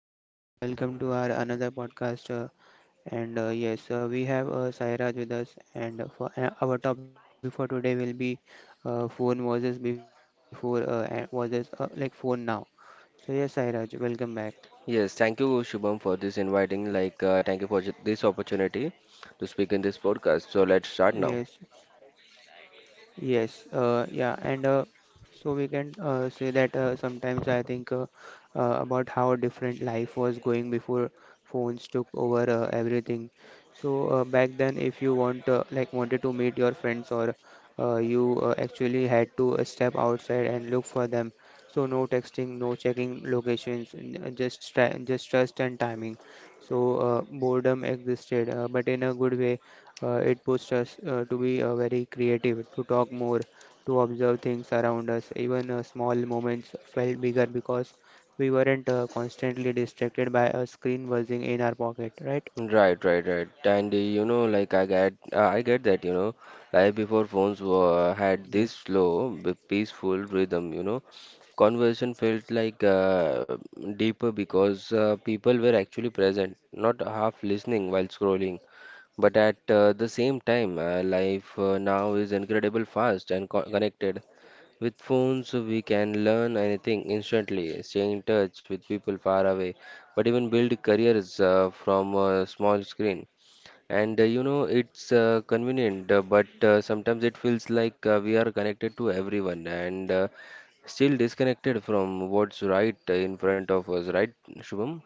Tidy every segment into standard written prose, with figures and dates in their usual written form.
Yes, good afternoon everyone. Welcome to our another podcast. And Yes, we have Sairaj with us. And for our topic for today will be phone versus before and versus like phone now. So yes, Sairaj, welcome back. Yes, thank you, Shubham, for this inviting. Like, thank you for this opportunity to speak in this podcast. So let's start now. Yes, Yes, yeah, and So we can say that sometimes I think about how different life was going before phones took over everything. So back then, if you want like wanted to meet your friends or you actually had to step outside and look for them. So no texting, no checking locations, just try, just trust and timing. So boredom existed, but in a good way. It pushed us to be very creative, to talk more, to observe things around us. Even small moments felt bigger because we weren't constantly distracted by a screen buzzing in our pocket, right? Right, right, right. And you know, like I get that. You know, life before phones were, had Yes. this slow, peaceful rhythm. You know, conversation felt like deeper because people were actually present, not half listening while scrolling. But at the same time, life now is incredible fast and connected. With phones, we can learn anything instantly, stay in touch with people far away, but even build careers from a small screen. And you know, it's convenient, but sometimes it feels like we are connected to everyone and still disconnected from what's right in front of us, right, Shubham?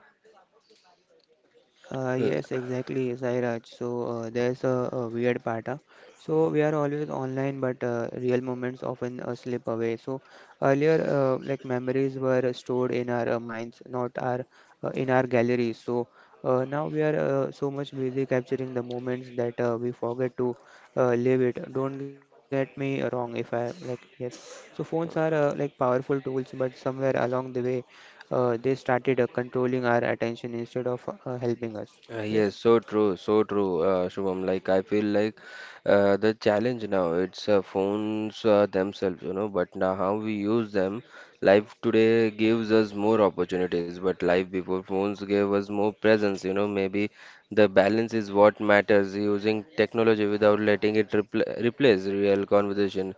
Yes, exactly, Sairaj. So there's a weird part. So we are always online, but real moments often slip away. So earlier, like memories were stored in our minds, not our in our galleries. So now we are so much busy capturing the moments that we forget to live it. Don't get me wrong, if I like, yes. So phones are like powerful tools, but somewhere along the way they started controlling our attention instead of helping us. Yes. Yes, so true, Shubham. Like I feel like the challenge now it's phones themselves, you know. But now how we use them, life today gives us more opportunities. But life before phones gave us more presence, you know. Maybe the balance is what matters. Using technology without letting it replace real conversation,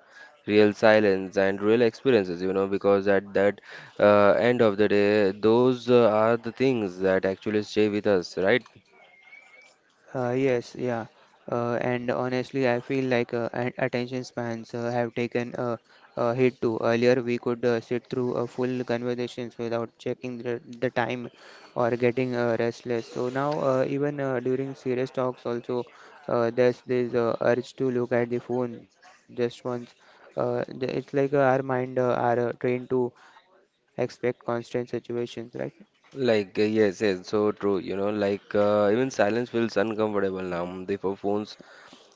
real silence, and real experiences, you know. Because at that end of the day, those are the things that actually stay with us, right? Uh, yes, yeah. And honestly, I feel like attention spans have taken a hit too. Earlier, we could sit through full conversations without checking the time or getting restless. So now, even during serious talks, also there's this urge to look at the phone just once. It's like our mind are trained to expect constant situations, right? Like, yes, yes, so true. You know, like, even silence feels uncomfortable now. Before phones,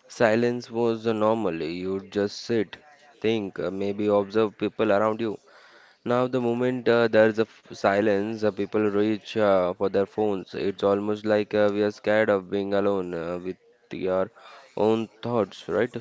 silence was normal. You just sit, think, maybe observe people around you. Now, the moment there's a f silence, people reach for their phones. It's almost like we are scared of being alone with your own thoughts, right?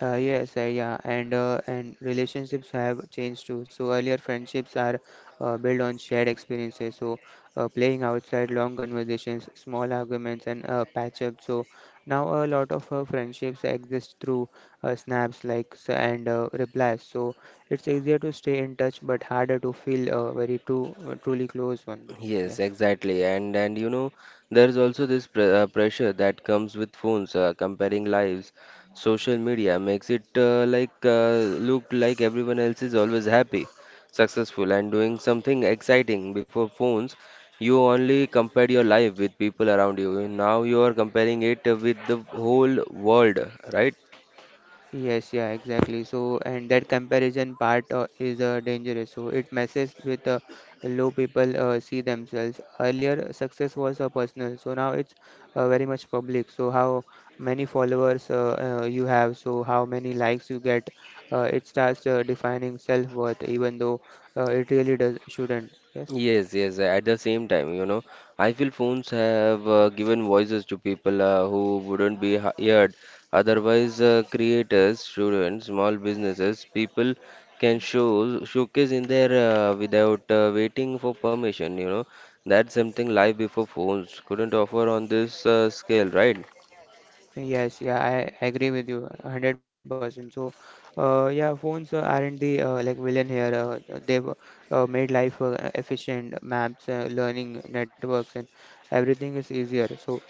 And relationships have changed too. So earlier friendships are built on shared experiences. So playing outside, long conversations, small arguments, and patch up. So now a lot of friendships exist through snaps, likes, and replies. So it's easier to stay in touch, but harder to feel very too truly close one. Yes, Yeah. exactly. And you know, there's also this pr pressure that comes with phones comparing lives. Social media makes it like look like everyone else is always happy, successful, and doing something exciting. Before phones, you only compared your life with people around you. Now you are comparing it with the whole world, right? And that comparison part is dangerous. So, it messes with low people see themselves. Earlier, success was personal. So, now it's very much public. So, how many followers you have, so how many likes you get, it starts defining self-worth, even though it really does shouldn't. Yes. Yes, yes. At the same time, you know, I feel phones have given voices to people who wouldn't be heard. Otherwise, creators, students, small businesses, people can showcase in there without waiting for permission. You know, that's something life before phones couldn't offer on this scale, right? Yes, yeah, I agree with you 100%. So, yeah, phones aren't the like villain here. They've made life efficient, maps, learning networks, and everything is easier. So,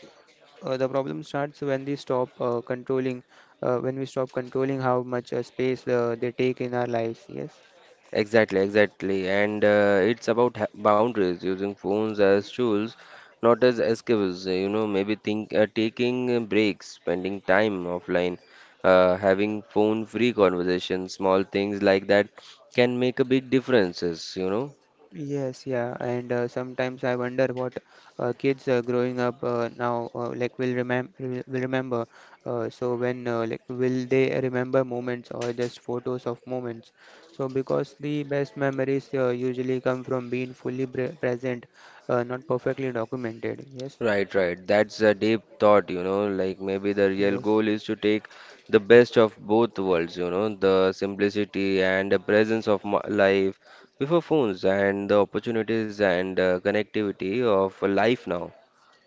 the problem starts when they stop controlling, when we stop controlling how much space they take in our lives. Yes. Exactly, exactly. And it's about ha boundaries, using phones as tools, not as escapes. You know, maybe think taking breaks, spending time offline, having phone-free conversations, small things like that can make a big differences, you know. Yes, yeah, and Sometimes I wonder what kids growing up now will remember. So when like will they remember moments or just photos of moments? So because the best memories usually come from being fully present, not perfectly documented. Yes, Right, right. That's a deep thought, you know. Like maybe the real yes. goal is to take the best of both worlds, you know, the simplicity and the presence of life before phones and the opportunities and connectivity of life now.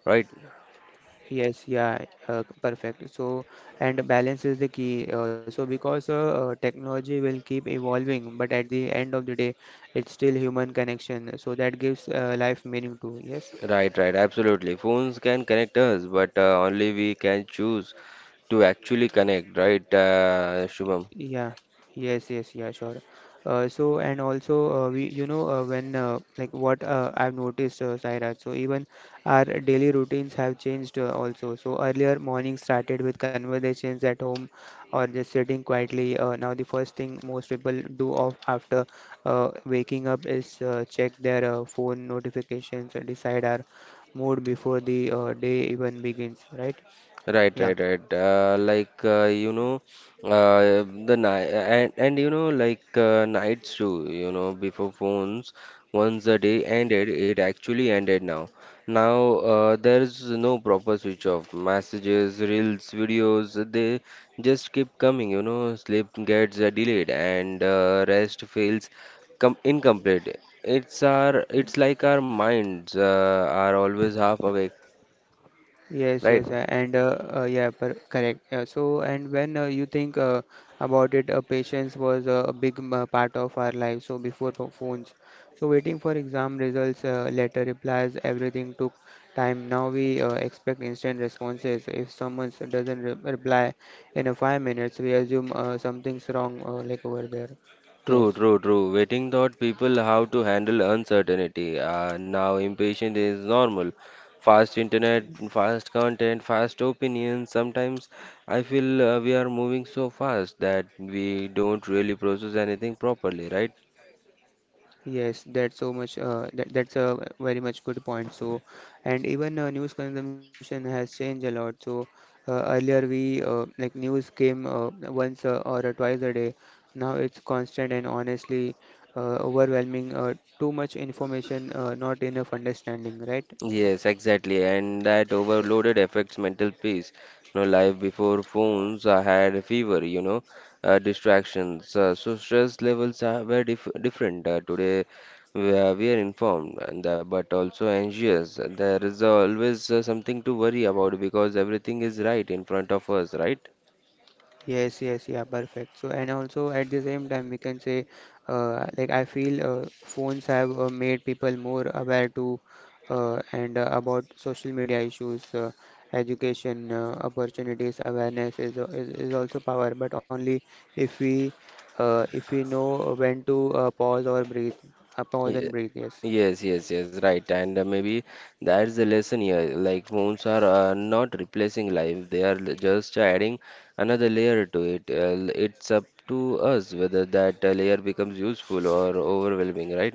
Right, Yes, yeah, Perfect. And balance is the key. Because technology will keep evolving, but at the end of the day, it's still human connection. So, that gives life meaning too. Yes. right, right. Absolutely. Phones can connect us, but only we can choose to actually connect, right, Shubham? Yeah, yes, yeah, sure. So and also we, you know, when like what I've noticed, Sairaj, so even our daily routines have changed also. So earlier morning started with conversations at home or just sitting quietly. Now the first thing most people do of after waking up is check their phone notifications and decide our mood before the day even begins, right? Right, Yeah. right, right. Like you know, the night and you know, like nights too. You know, before phones, once the day ended, it actually ended now. Now there's no proper switch off. Messages, reels, videos, they just keep coming. You know, sleep gets delayed and rest feels com incomplete. It's like our minds are always half awake, Yes, right? yes, and yeah, per correct. So, and when You think about it, patience was a big part of our life. So, before phones, so waiting for exam results, letter replies, everything took time. Now we expect instant responses. If someone doesn't re reply in a 5 minutes, we assume something's wrong, like over there. True, Yes. true, true. Waiting taught people how to handle uncertainty. Now, impatience is normal. Fast internet, fast content, fast opinions. Sometimes I feel we are moving so fast that we don't really process anything properly, right? Yes, that's so much. That's a very much good point. And even news consumption has changed a lot. So, earlier we like news came once or twice a day. Now it's constant and honestly overwhelming. Too much information, not enough understanding, right? Yes, exactly, and that overloaded affects mental peace. You know, life before phones, I had a fever, you know, distractions. So stress levels are very different today. We are informed, and but also anxious. There is always something to worry about because everything is right in front of us, right? And also at the same time, we can say, like I feel phones have made people more aware to and about social media issues, education opportunities, awareness is, al- is also power, but only if we if we know when to pause or breathe, pause Ye- and breathe. Yes. Yes, yes, yes, right. And maybe that's the lesson here. Like phones are not replacing life, they are just adding another layer to it. It's up to us whether that layer becomes useful or overwhelming, right?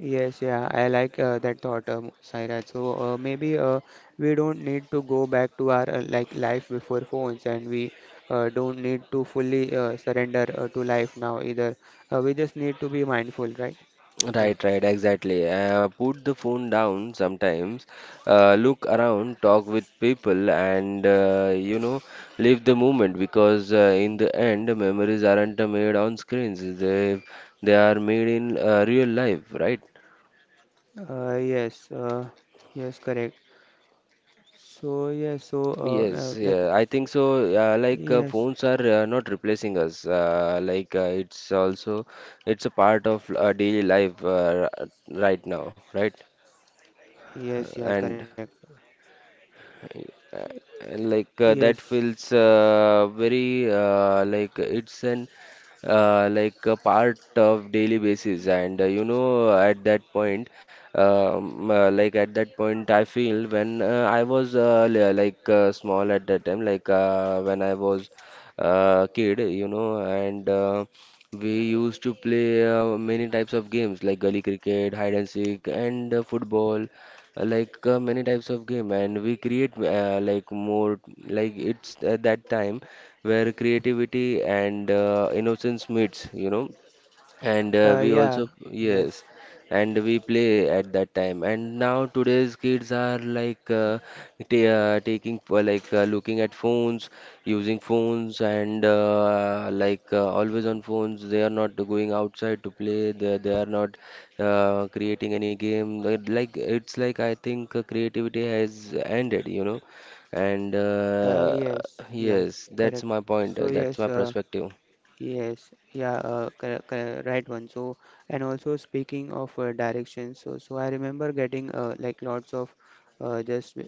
Yes, yeah, I like that thought, Saira. So maybe we don't need to go back to our like life before phones, and we don't need to fully surrender to life now either. We just need to be mindful, right? Yeah. Right, right, exactly. Put the phone down sometimes, look around, talk with people, and you know, live the moment because in the end, memories aren't made on screens, they are made in real life, right? Yes. Yes, correct. So yes, so Yes, like yeah, I think so. Like yes, phones are not replacing us. Like it's also it's a part of daily life right now, right? yes, yeah, correct. And Uh, like that Yes. feels very like it's an like a part of daily basis and you know at that point like at that point I feel when I was like small at that time like when I was kid you know and we used to play many types of games like gully cricket hide and seek and football like many types of game and we create like more like it's at that time where creativity and innocence meets you know and we also Yeah. yes Yes. and we play at that time and now today's kids are like taking for like looking at phones using phones and like always on phones they are not going outside to play they are not creating any game They- like it's like I think creativity has ended you know and Yes. Yeah. yes that's Correct. my point So that's yes. my perspective. Right one. And also speaking of directions, so I remember getting like lots of just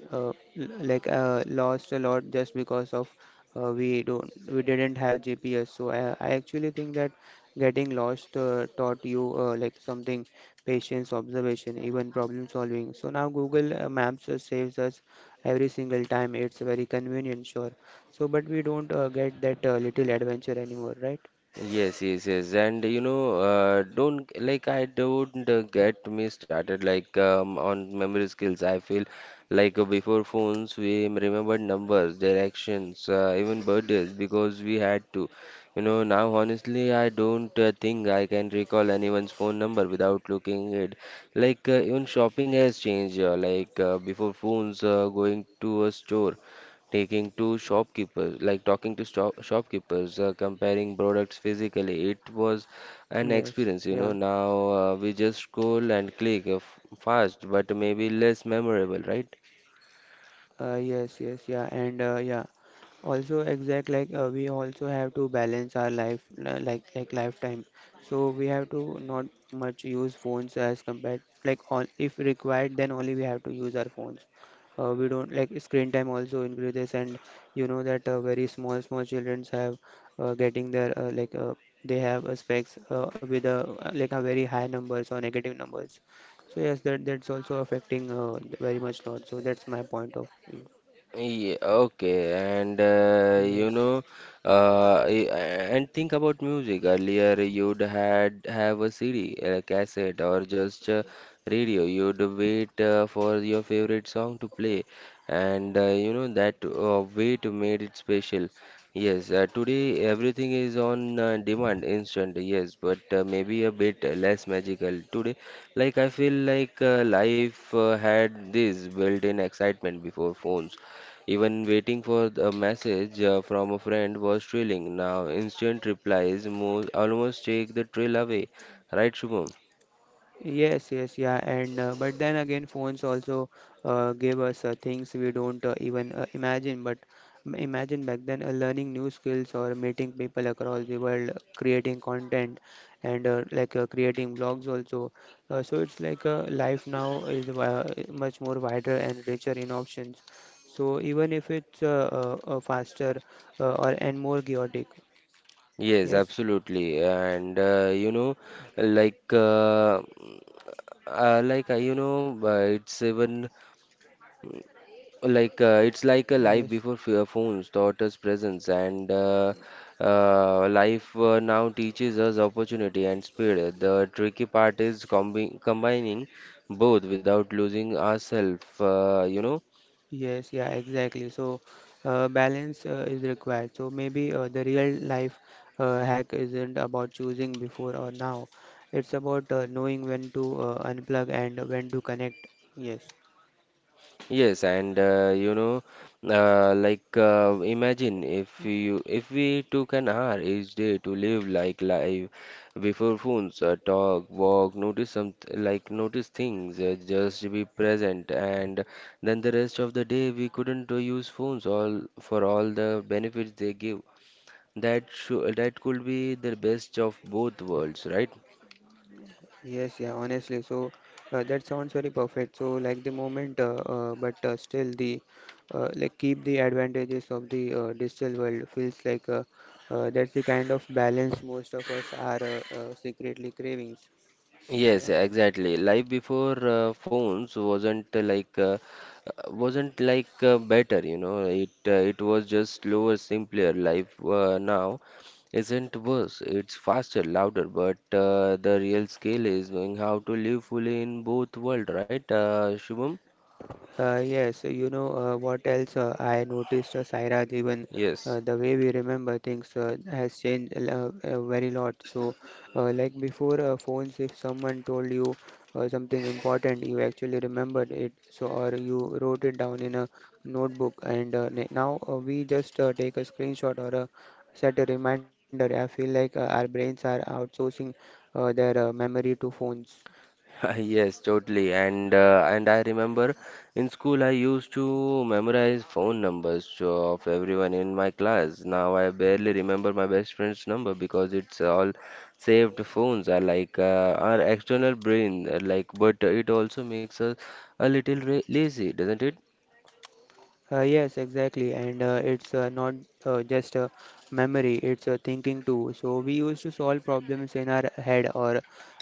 l- like lost a lot just because of we didn't have GPS. So I actually think that getting lost taught you like something patience, observation, even problem solving. So now Google Maps saves us every single time. It's very convenient, sure. So, but we don't get that little adventure anymore, right? Yes, yes, yes, and you know, don't like I don't get me started like on memory skills. I feel like before phones, we remembered numbers, directions, even birthdays because we had to. You know, now honestly, I don't think I can recall anyone's phone number without looking it. Like even shopping has changed. Like before phones, going to a store taking to shopkeepers, like talking to shopkeepers, comparing products physically. It was an Yes, experience, you yeah. know. Now we just scroll and click fast, but maybe less memorable, right? Yes, yes, yeah, and yeah. Also, exact like we also have to balance our life, like lifetime. So we have to not much use phones as compared like on if required, then only we have to use our phones. We don't like screen time also increases, and you know that very small small childrens have getting their they have specs with a like a very high numbers or negative numbers. So yes, that that's also affecting very much lot. So that's my point of view. Yeah, okay, and you Yes. know, uh, y- and think about music. Earlier, you'd had have a CD, a cassette, or just a radio. You'd wait for your favorite song to play, and you know that wait made it special. Yes, today everything is on demand, instant. Yes, but maybe a bit less magical today. Like I feel like life had this built-in excitement before phones even waiting for a message from a friend was thrilling. Now, instant replies mo almost take the thrill away. Right, Shubham? Yes, yes, yeah, and But then again, phones also gave us things we don't even imagine. But imagine back then, learning new skills or meeting people across the world, creating content, and like creating blogs also. So it's like life now is much more wider and richer in options. So even if it's faster or and more chaotic, yes, Yes, absolutely. And you know, like uh, like you know, it's even like it's like a yes. life before phones taught us presence and life now teaches us opportunity and speed the tricky part is combining both without losing ourselves you know. Yes, yeah, exactly. So, Balance is required. So, maybe the real life hack isn't about choosing before or now. It's about knowing when to unplug and when to connect. Yes, Yes, and you know, like imagine if you if we took an hour each day to live like life before phones, talk, walk, notice some like notice things, just be present, and then the rest of the day we couldn't use phones all for all the benefits they give. That should that could be the best of both worlds, right? yes, yeah, Honestly, that sounds very perfect. So, like the moment, but still, the like keep the advantages of the digital world feels like that's the kind of balance most of us are secretly cravings. Yes, Yeah. exactly. Life before phones wasn't like wasn't like better, you know. It it was just slower, simpler. Life now isn't worse. It's faster, louder, but the real skill is knowing how to live fully in both world, right, Shubham? You know what else I noticed, Sairaj, even Yes. The way we remember things has changed a very lot. So, like before phones, if someone told you something important, you actually remembered it, so or you wrote it down in a notebook. And now we just take a screenshot or a set a reminder. I feel like our brains are outsourcing their memory to phones. Yes, totally. And I remember in school I used to memorize phone numbers of everyone in my class. Now I barely remember my best friend's number because it's all saved phones are like our external brain like but it also makes us a little ra lazy, doesn't it? Yes, exactly. And it's not just a memory, it's a thinking too. So we used to solve problems in our head or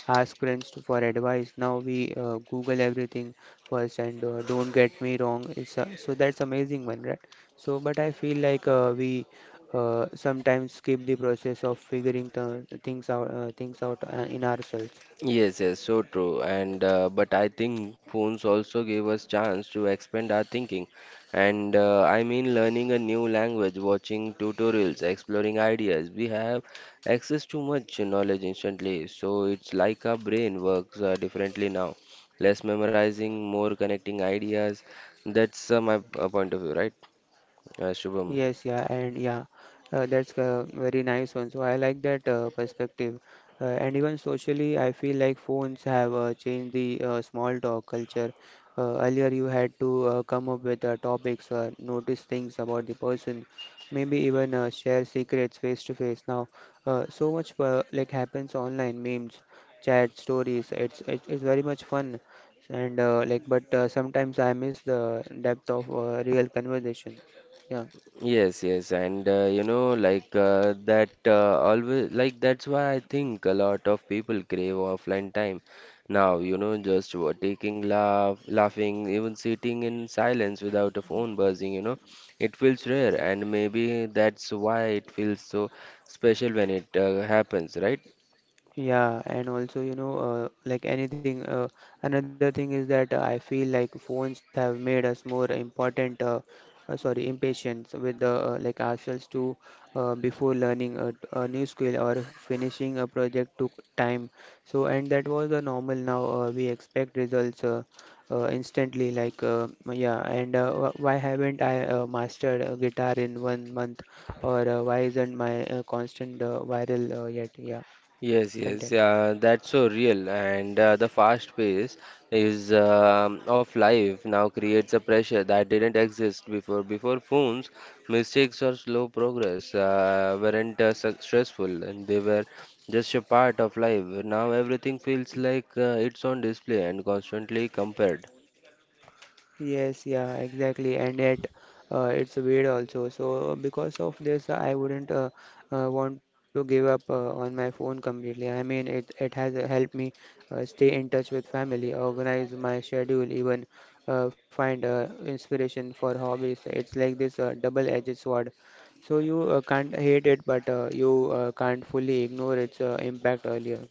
ask friends for advice. Now we Google everything first and don't get me wrong. It's so That's amazing one, right? So, but I feel like we sometimes skip the process of figuring th things out, in ourselves. Yes, yes, so true. And but I think phones also gave us chance to expand our thinking. And I mean, learning a new language, watching tutorials, exploring ideas. We have access to much knowledge instantly. So it's like our brain works differently now. Less memorizing, more connecting ideas. That's my point of view, right, Shubham? Yes, yeah, and yeah, that's very nice one. So I like that perspective. And even socially, I feel like phones have changed the small talk culture. Earlier, you had to come up with topics, notice things about the person, maybe even share secrets face to face. Now, so much like happens online, memes, chat, stories. It's very much fun, and like, but sometimes I miss the depth of real conversation. Yeah. Yes, yes, and you know, like that, always like that's why I think a lot of people crave offline time now. You know, just taking laugh, laughing, even sitting in silence without a phone buzzing. You know, it feels rare, and maybe that's why it feels so special when it happens, right? Yeah, and also, you know, like anything, another thing is that I feel like phones have made us more important, sorry, impatient with the like ourselves too. Before learning a new skill or finishing a project took time. So, and that was the normal now. We expect results instantly, like, yeah, and why haven't I mastered a guitar in 1 month? Or why isn't my constant viral yet? Yeah, Yes, yes, content. yeah, that's so real. And the fast pace is of life now creates a pressure that didn't exist before. Before phones, mistakes or slow progress weren't successful, and they were just a part of life. Now everything feels like it's on display and constantly compared. Yes, yeah, exactly, and yet it's weird also. So because of this, I wouldn't want to give up on my phone completely. I mean, it has helped me stay in touch with family, organize my schedule, even find inspiration for hobbies. It's like this double-edged sword. So you can't hate it, but you can't fully ignore its impact earlier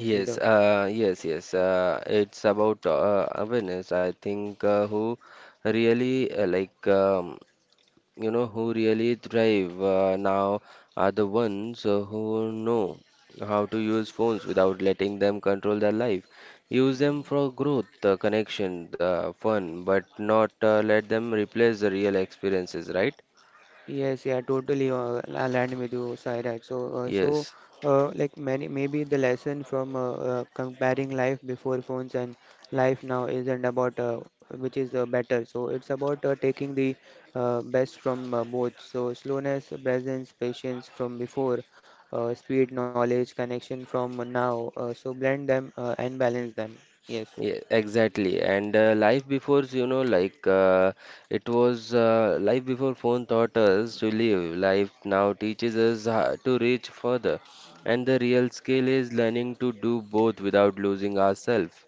Yes, either. Yes, yes. It's about awareness. I think who really like you know who really thrive now are the ones who know how to use phones without letting them control their life, use them for growth, connection, fun, but not let them replace the real experiences, right? Yes, yeah, totally aligned with you, Sairaj. So, uh, so Yes. uh, like many, maybe the lesson from comparing life before phones and life now isn't about which is better. So, it's about taking the best from both. So, slowness, presence, patience from before, speed, knowledge, connection from now. So, blend them and balance them. Yes. Yeah, exactly. And life before, you know, like it was life before phone taught us to live. Life now teaches us how to reach further. And the real skill is learning to do both without losing ourselves.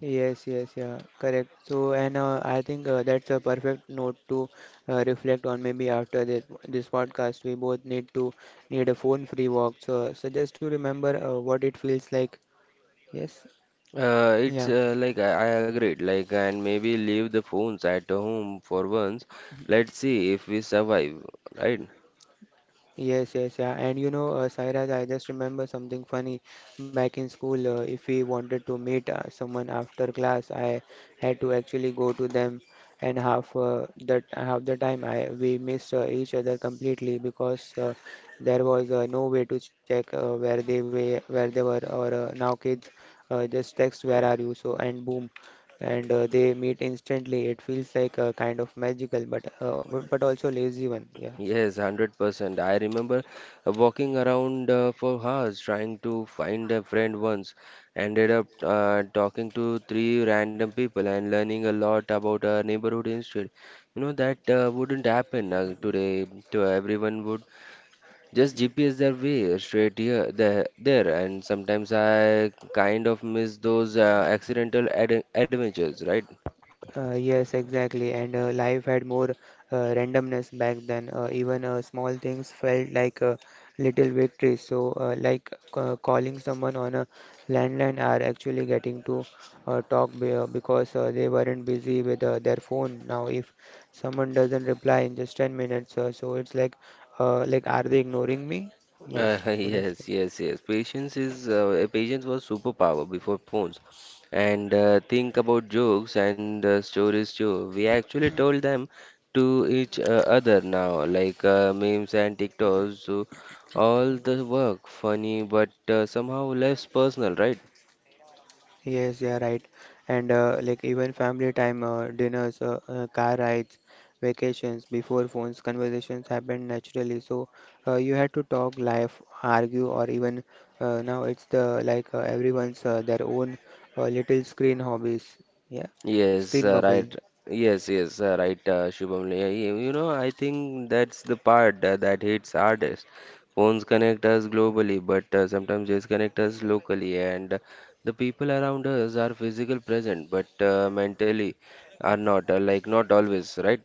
Yes, yes, yeah, correct. So, and I think that's a perfect note to reflect on. Maybe after this podcast, we both need to need a phone-free walk. So, so just to remember what it feels like. Yes, It's yeah. like I agreed, like, and maybe leave the phones at home for once. Let's see if we survive, right? Yes, yes, yeah. And you know, Sairaj, I just remember something funny. Back in school, if we wanted to meet someone after class, I had to actually go to them, and half that half the time I we missed each other completely because there was no way to check where they were, or now kids just text where are you? So and boom, and they meet instantly. It feels like a kind of magical, but but also lazy one. Yeah. Yes, 100%. I remember walking around for hours trying to find a friend once. Ended up talking to three random people and learning a lot about our neighborhood instead. You know, that wouldn't happen today. To everyone would just GPS their way straight here, there. And sometimes I kind of miss those accidental ad adventures, right? Yes, exactly. And life had more randomness back then. Even small things felt like little victories. So, like calling someone on a landline are actually getting to talk be because they weren't busy with their phone. Now, if someone doesn't reply in just 10 minutes, so it's like, are they ignoring me? Yes, so that's. yes, yes, yes. Patience was superpower before phones. And think about jokes and stories too. We actually told them to each other. Now, like memes and TikToks. So all the work funny, but somehow less personal, right? Yes, yeah, right. And like even family time, dinners, car rides, vacations before phones, conversations happened naturally. So you had to talk life, argue, or even now it's the like everyone's their own little screen hobbies. Yeah, Yes, screen right. bubble. Yes, yes, right, Shubham. Yeah, you know, I think that's the part that hits hardest. Phones connect us globally, but sometimes disconnect us locally, and the people around us are physical present, but mentally are not, like not always, right?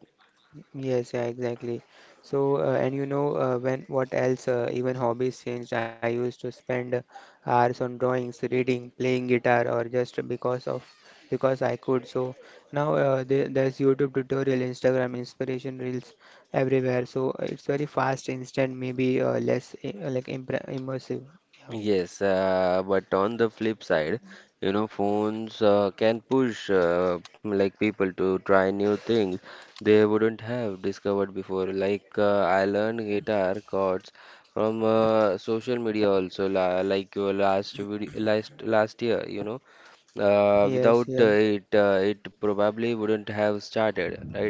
Yes, yeah, exactly. So, and you know, when what else? Even hobbies changed. I used to spend hours on drawings, reading, playing guitar, or just because of because I could. So now there's YouTube tutorial, Instagram inspiration reels everywhere. So it's very fast, instant, maybe like impre immersive. Yeah. Yes, but on the flip side, you know, phones can push like people to try new things they wouldn't have discovered before. Like I learned guitar chords from social media also, la like your last video, last year, you know. Yes. Without Yeah. It, it probably wouldn't have started, right?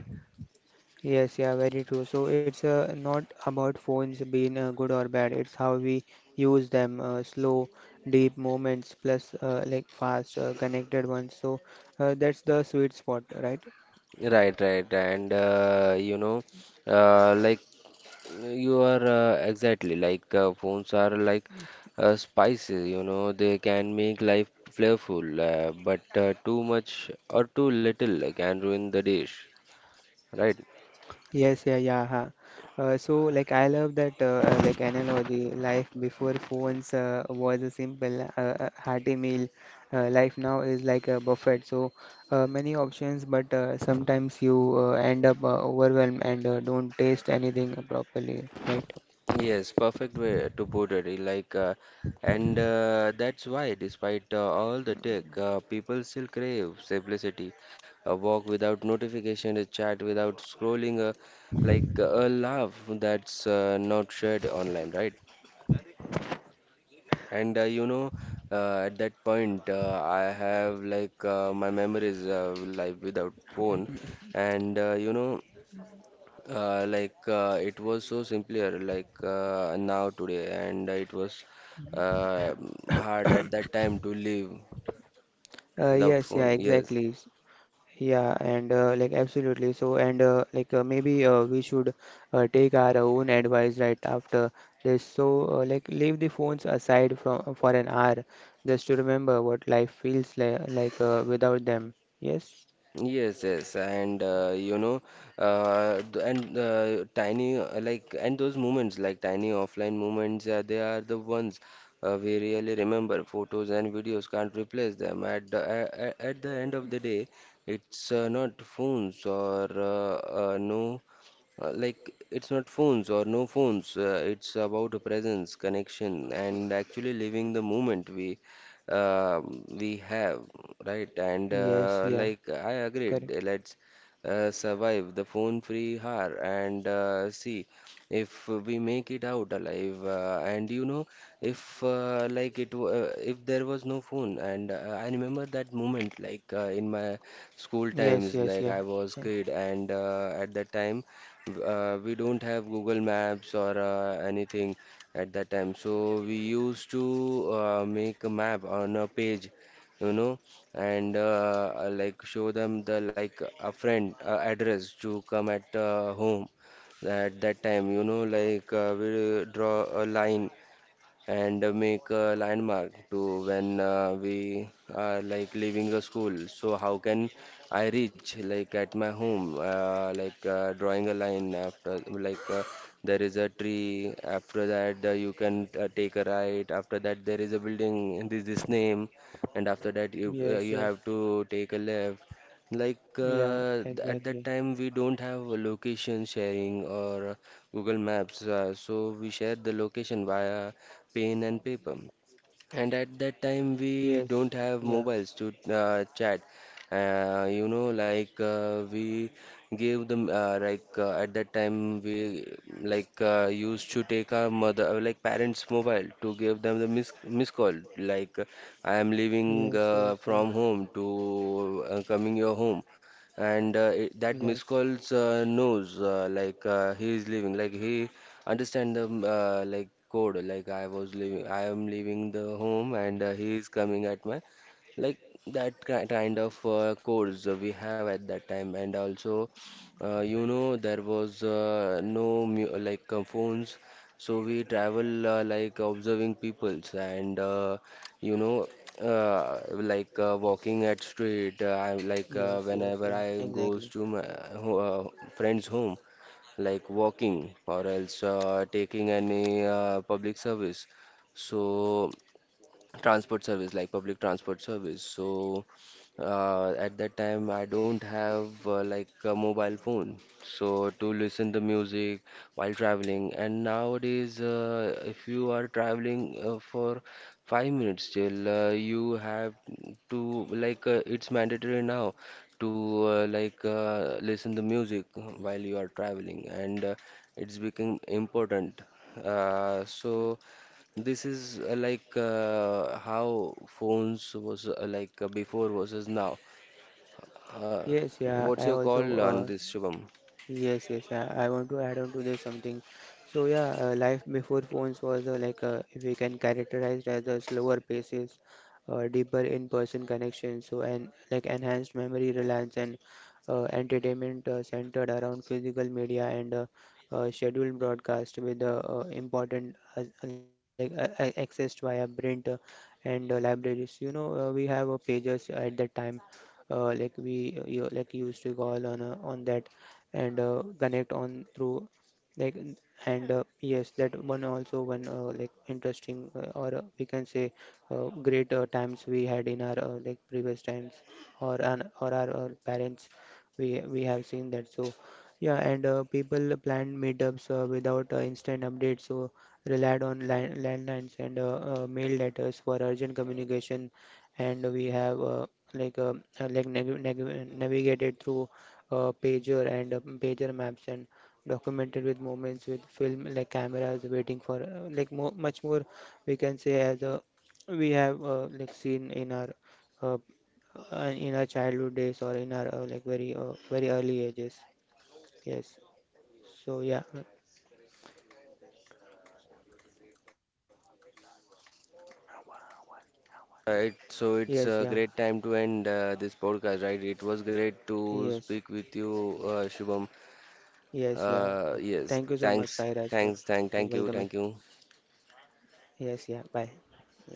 Yes, yeah, very true. So it's not about phones being good or bad. It's how we use them. Slow, deep moments plus like fast, connected ones. So that's the sweet spot, right? Right, right, and uh, like you are exactly like phones are like spices, you know, they can make life flavorful, but too much or too little can ruin the dish, right? Yes, yeah, yeah. Huh. Like, I love that, like, analogy. Life before phones was a simple, hearty meal. Life now is like a buffet. So, many options, but sometimes you end up overwhelmed and don't taste anything properly, right? Yes, perfect way to put it. Like, and that's why, despite all the tech, people still crave simplicity. A walk without notification, a chat without scrolling, a laugh that's not shared online, right? And you know, at that point, I have like my memories like without phone, and it was so simpler like now today, and it was uh, hard at that time to live Uh, without yes, yeah, phone. Yes. exactly. Yeah, and like absolutely. So, and like maybe we should take our own advice right after this. So, like leave the phones aside from for an hour just to remember what life feels li like without them. Yes, Yes, yes, and tiny like and those moments, like tiny offline moments, they are the ones we really remember. Photos and videos can't replace them. At the at the end of the day, it's not phones or it's not phones or no phones. It's about a presence, connection, and actually living the moment uh, we have, right? And yes, yeah, like I agreed, correct. let's survive the phone-free hour and see if we make it out alive. And you know, if like it, w- if there was no phone, and I remember that moment, like in my school Yes, times, yes, yeah, like I was yeah. kid, and at that time we don't have Google Maps or anything at that time. So we used to make a map on a page, you know, and show them the like a friend address to come at home at that time. You know, like we draw a line and make a landmark to when we are like leaving a school. So how can I reach like at my home, drawing a line after like there is a tree. After that you can take a right. After that there is a building. This name, and after that you uh, Yes, you yes, have to take a left. Like yeah, at that exactly. time we don't have a location sharing or Google Maps. So we share the location via pen and paper. And at that time, we Yes, don't yeah, have mobiles to chat. You know, like we gave them, like at that time, we like used to take our mother, like parents' mobile to give them the miss call. Like, I am leaving yes, yes, yeah, from home to coming your home. And it, that miss yes, calls knows, like he is leaving, like he understand the like code, like I am leaving the home and he is coming at my like that kind of codes we have at that time. And also you know there was no mu- like phones, so we travel like observing peoples and you know walking at street, I like yes, yes, whenever yeah, I goes exactly. to my ho- friend's home like walking or else taking any public service. So, transport service, like public transport service, so at that time I don't have like a mobile phone so to listen to music while traveling. And nowadays if you are traveling for 5 minutes, still you have to like it's mandatory now to listen to music while you are traveling, and it's become important, so this is how phones was before versus now. Uh, Yes, yeah, what's I your also call on this, Shubham? yes, yes, yeah. I want to add on to this something. So yeah, life before phones was like if we can characterize as a slower paces, deeper in-person connection. So and like enhanced memory reliance and entertainment centered around physical media and scheduled broadcast with the important accessed via print and libraries. You know we have pages at that time. Like we you, like used to call on that and connect on through like n- and yes that one also one like interesting or we can say great times we had in our like previous times or an or our, parents we have seen that. So yeah, and people planned meetups without instant updates, so relied on landlines and mail letters for urgent communication, and we have like uh, like navigated through pager and pager maps and documented with moments with film like cameras waiting for like mo much more we can say as we have like seen uh, in our childhood days or in our like very very early ages. Yes, so yeah, Right, so yes yeah it's a great time to end this podcast, right? It was great to yes speak with you, Shubham. yes yeah, thank you so Yes, much Sairaj for thank welcoming. you, thank you. Yes yeah bye yes.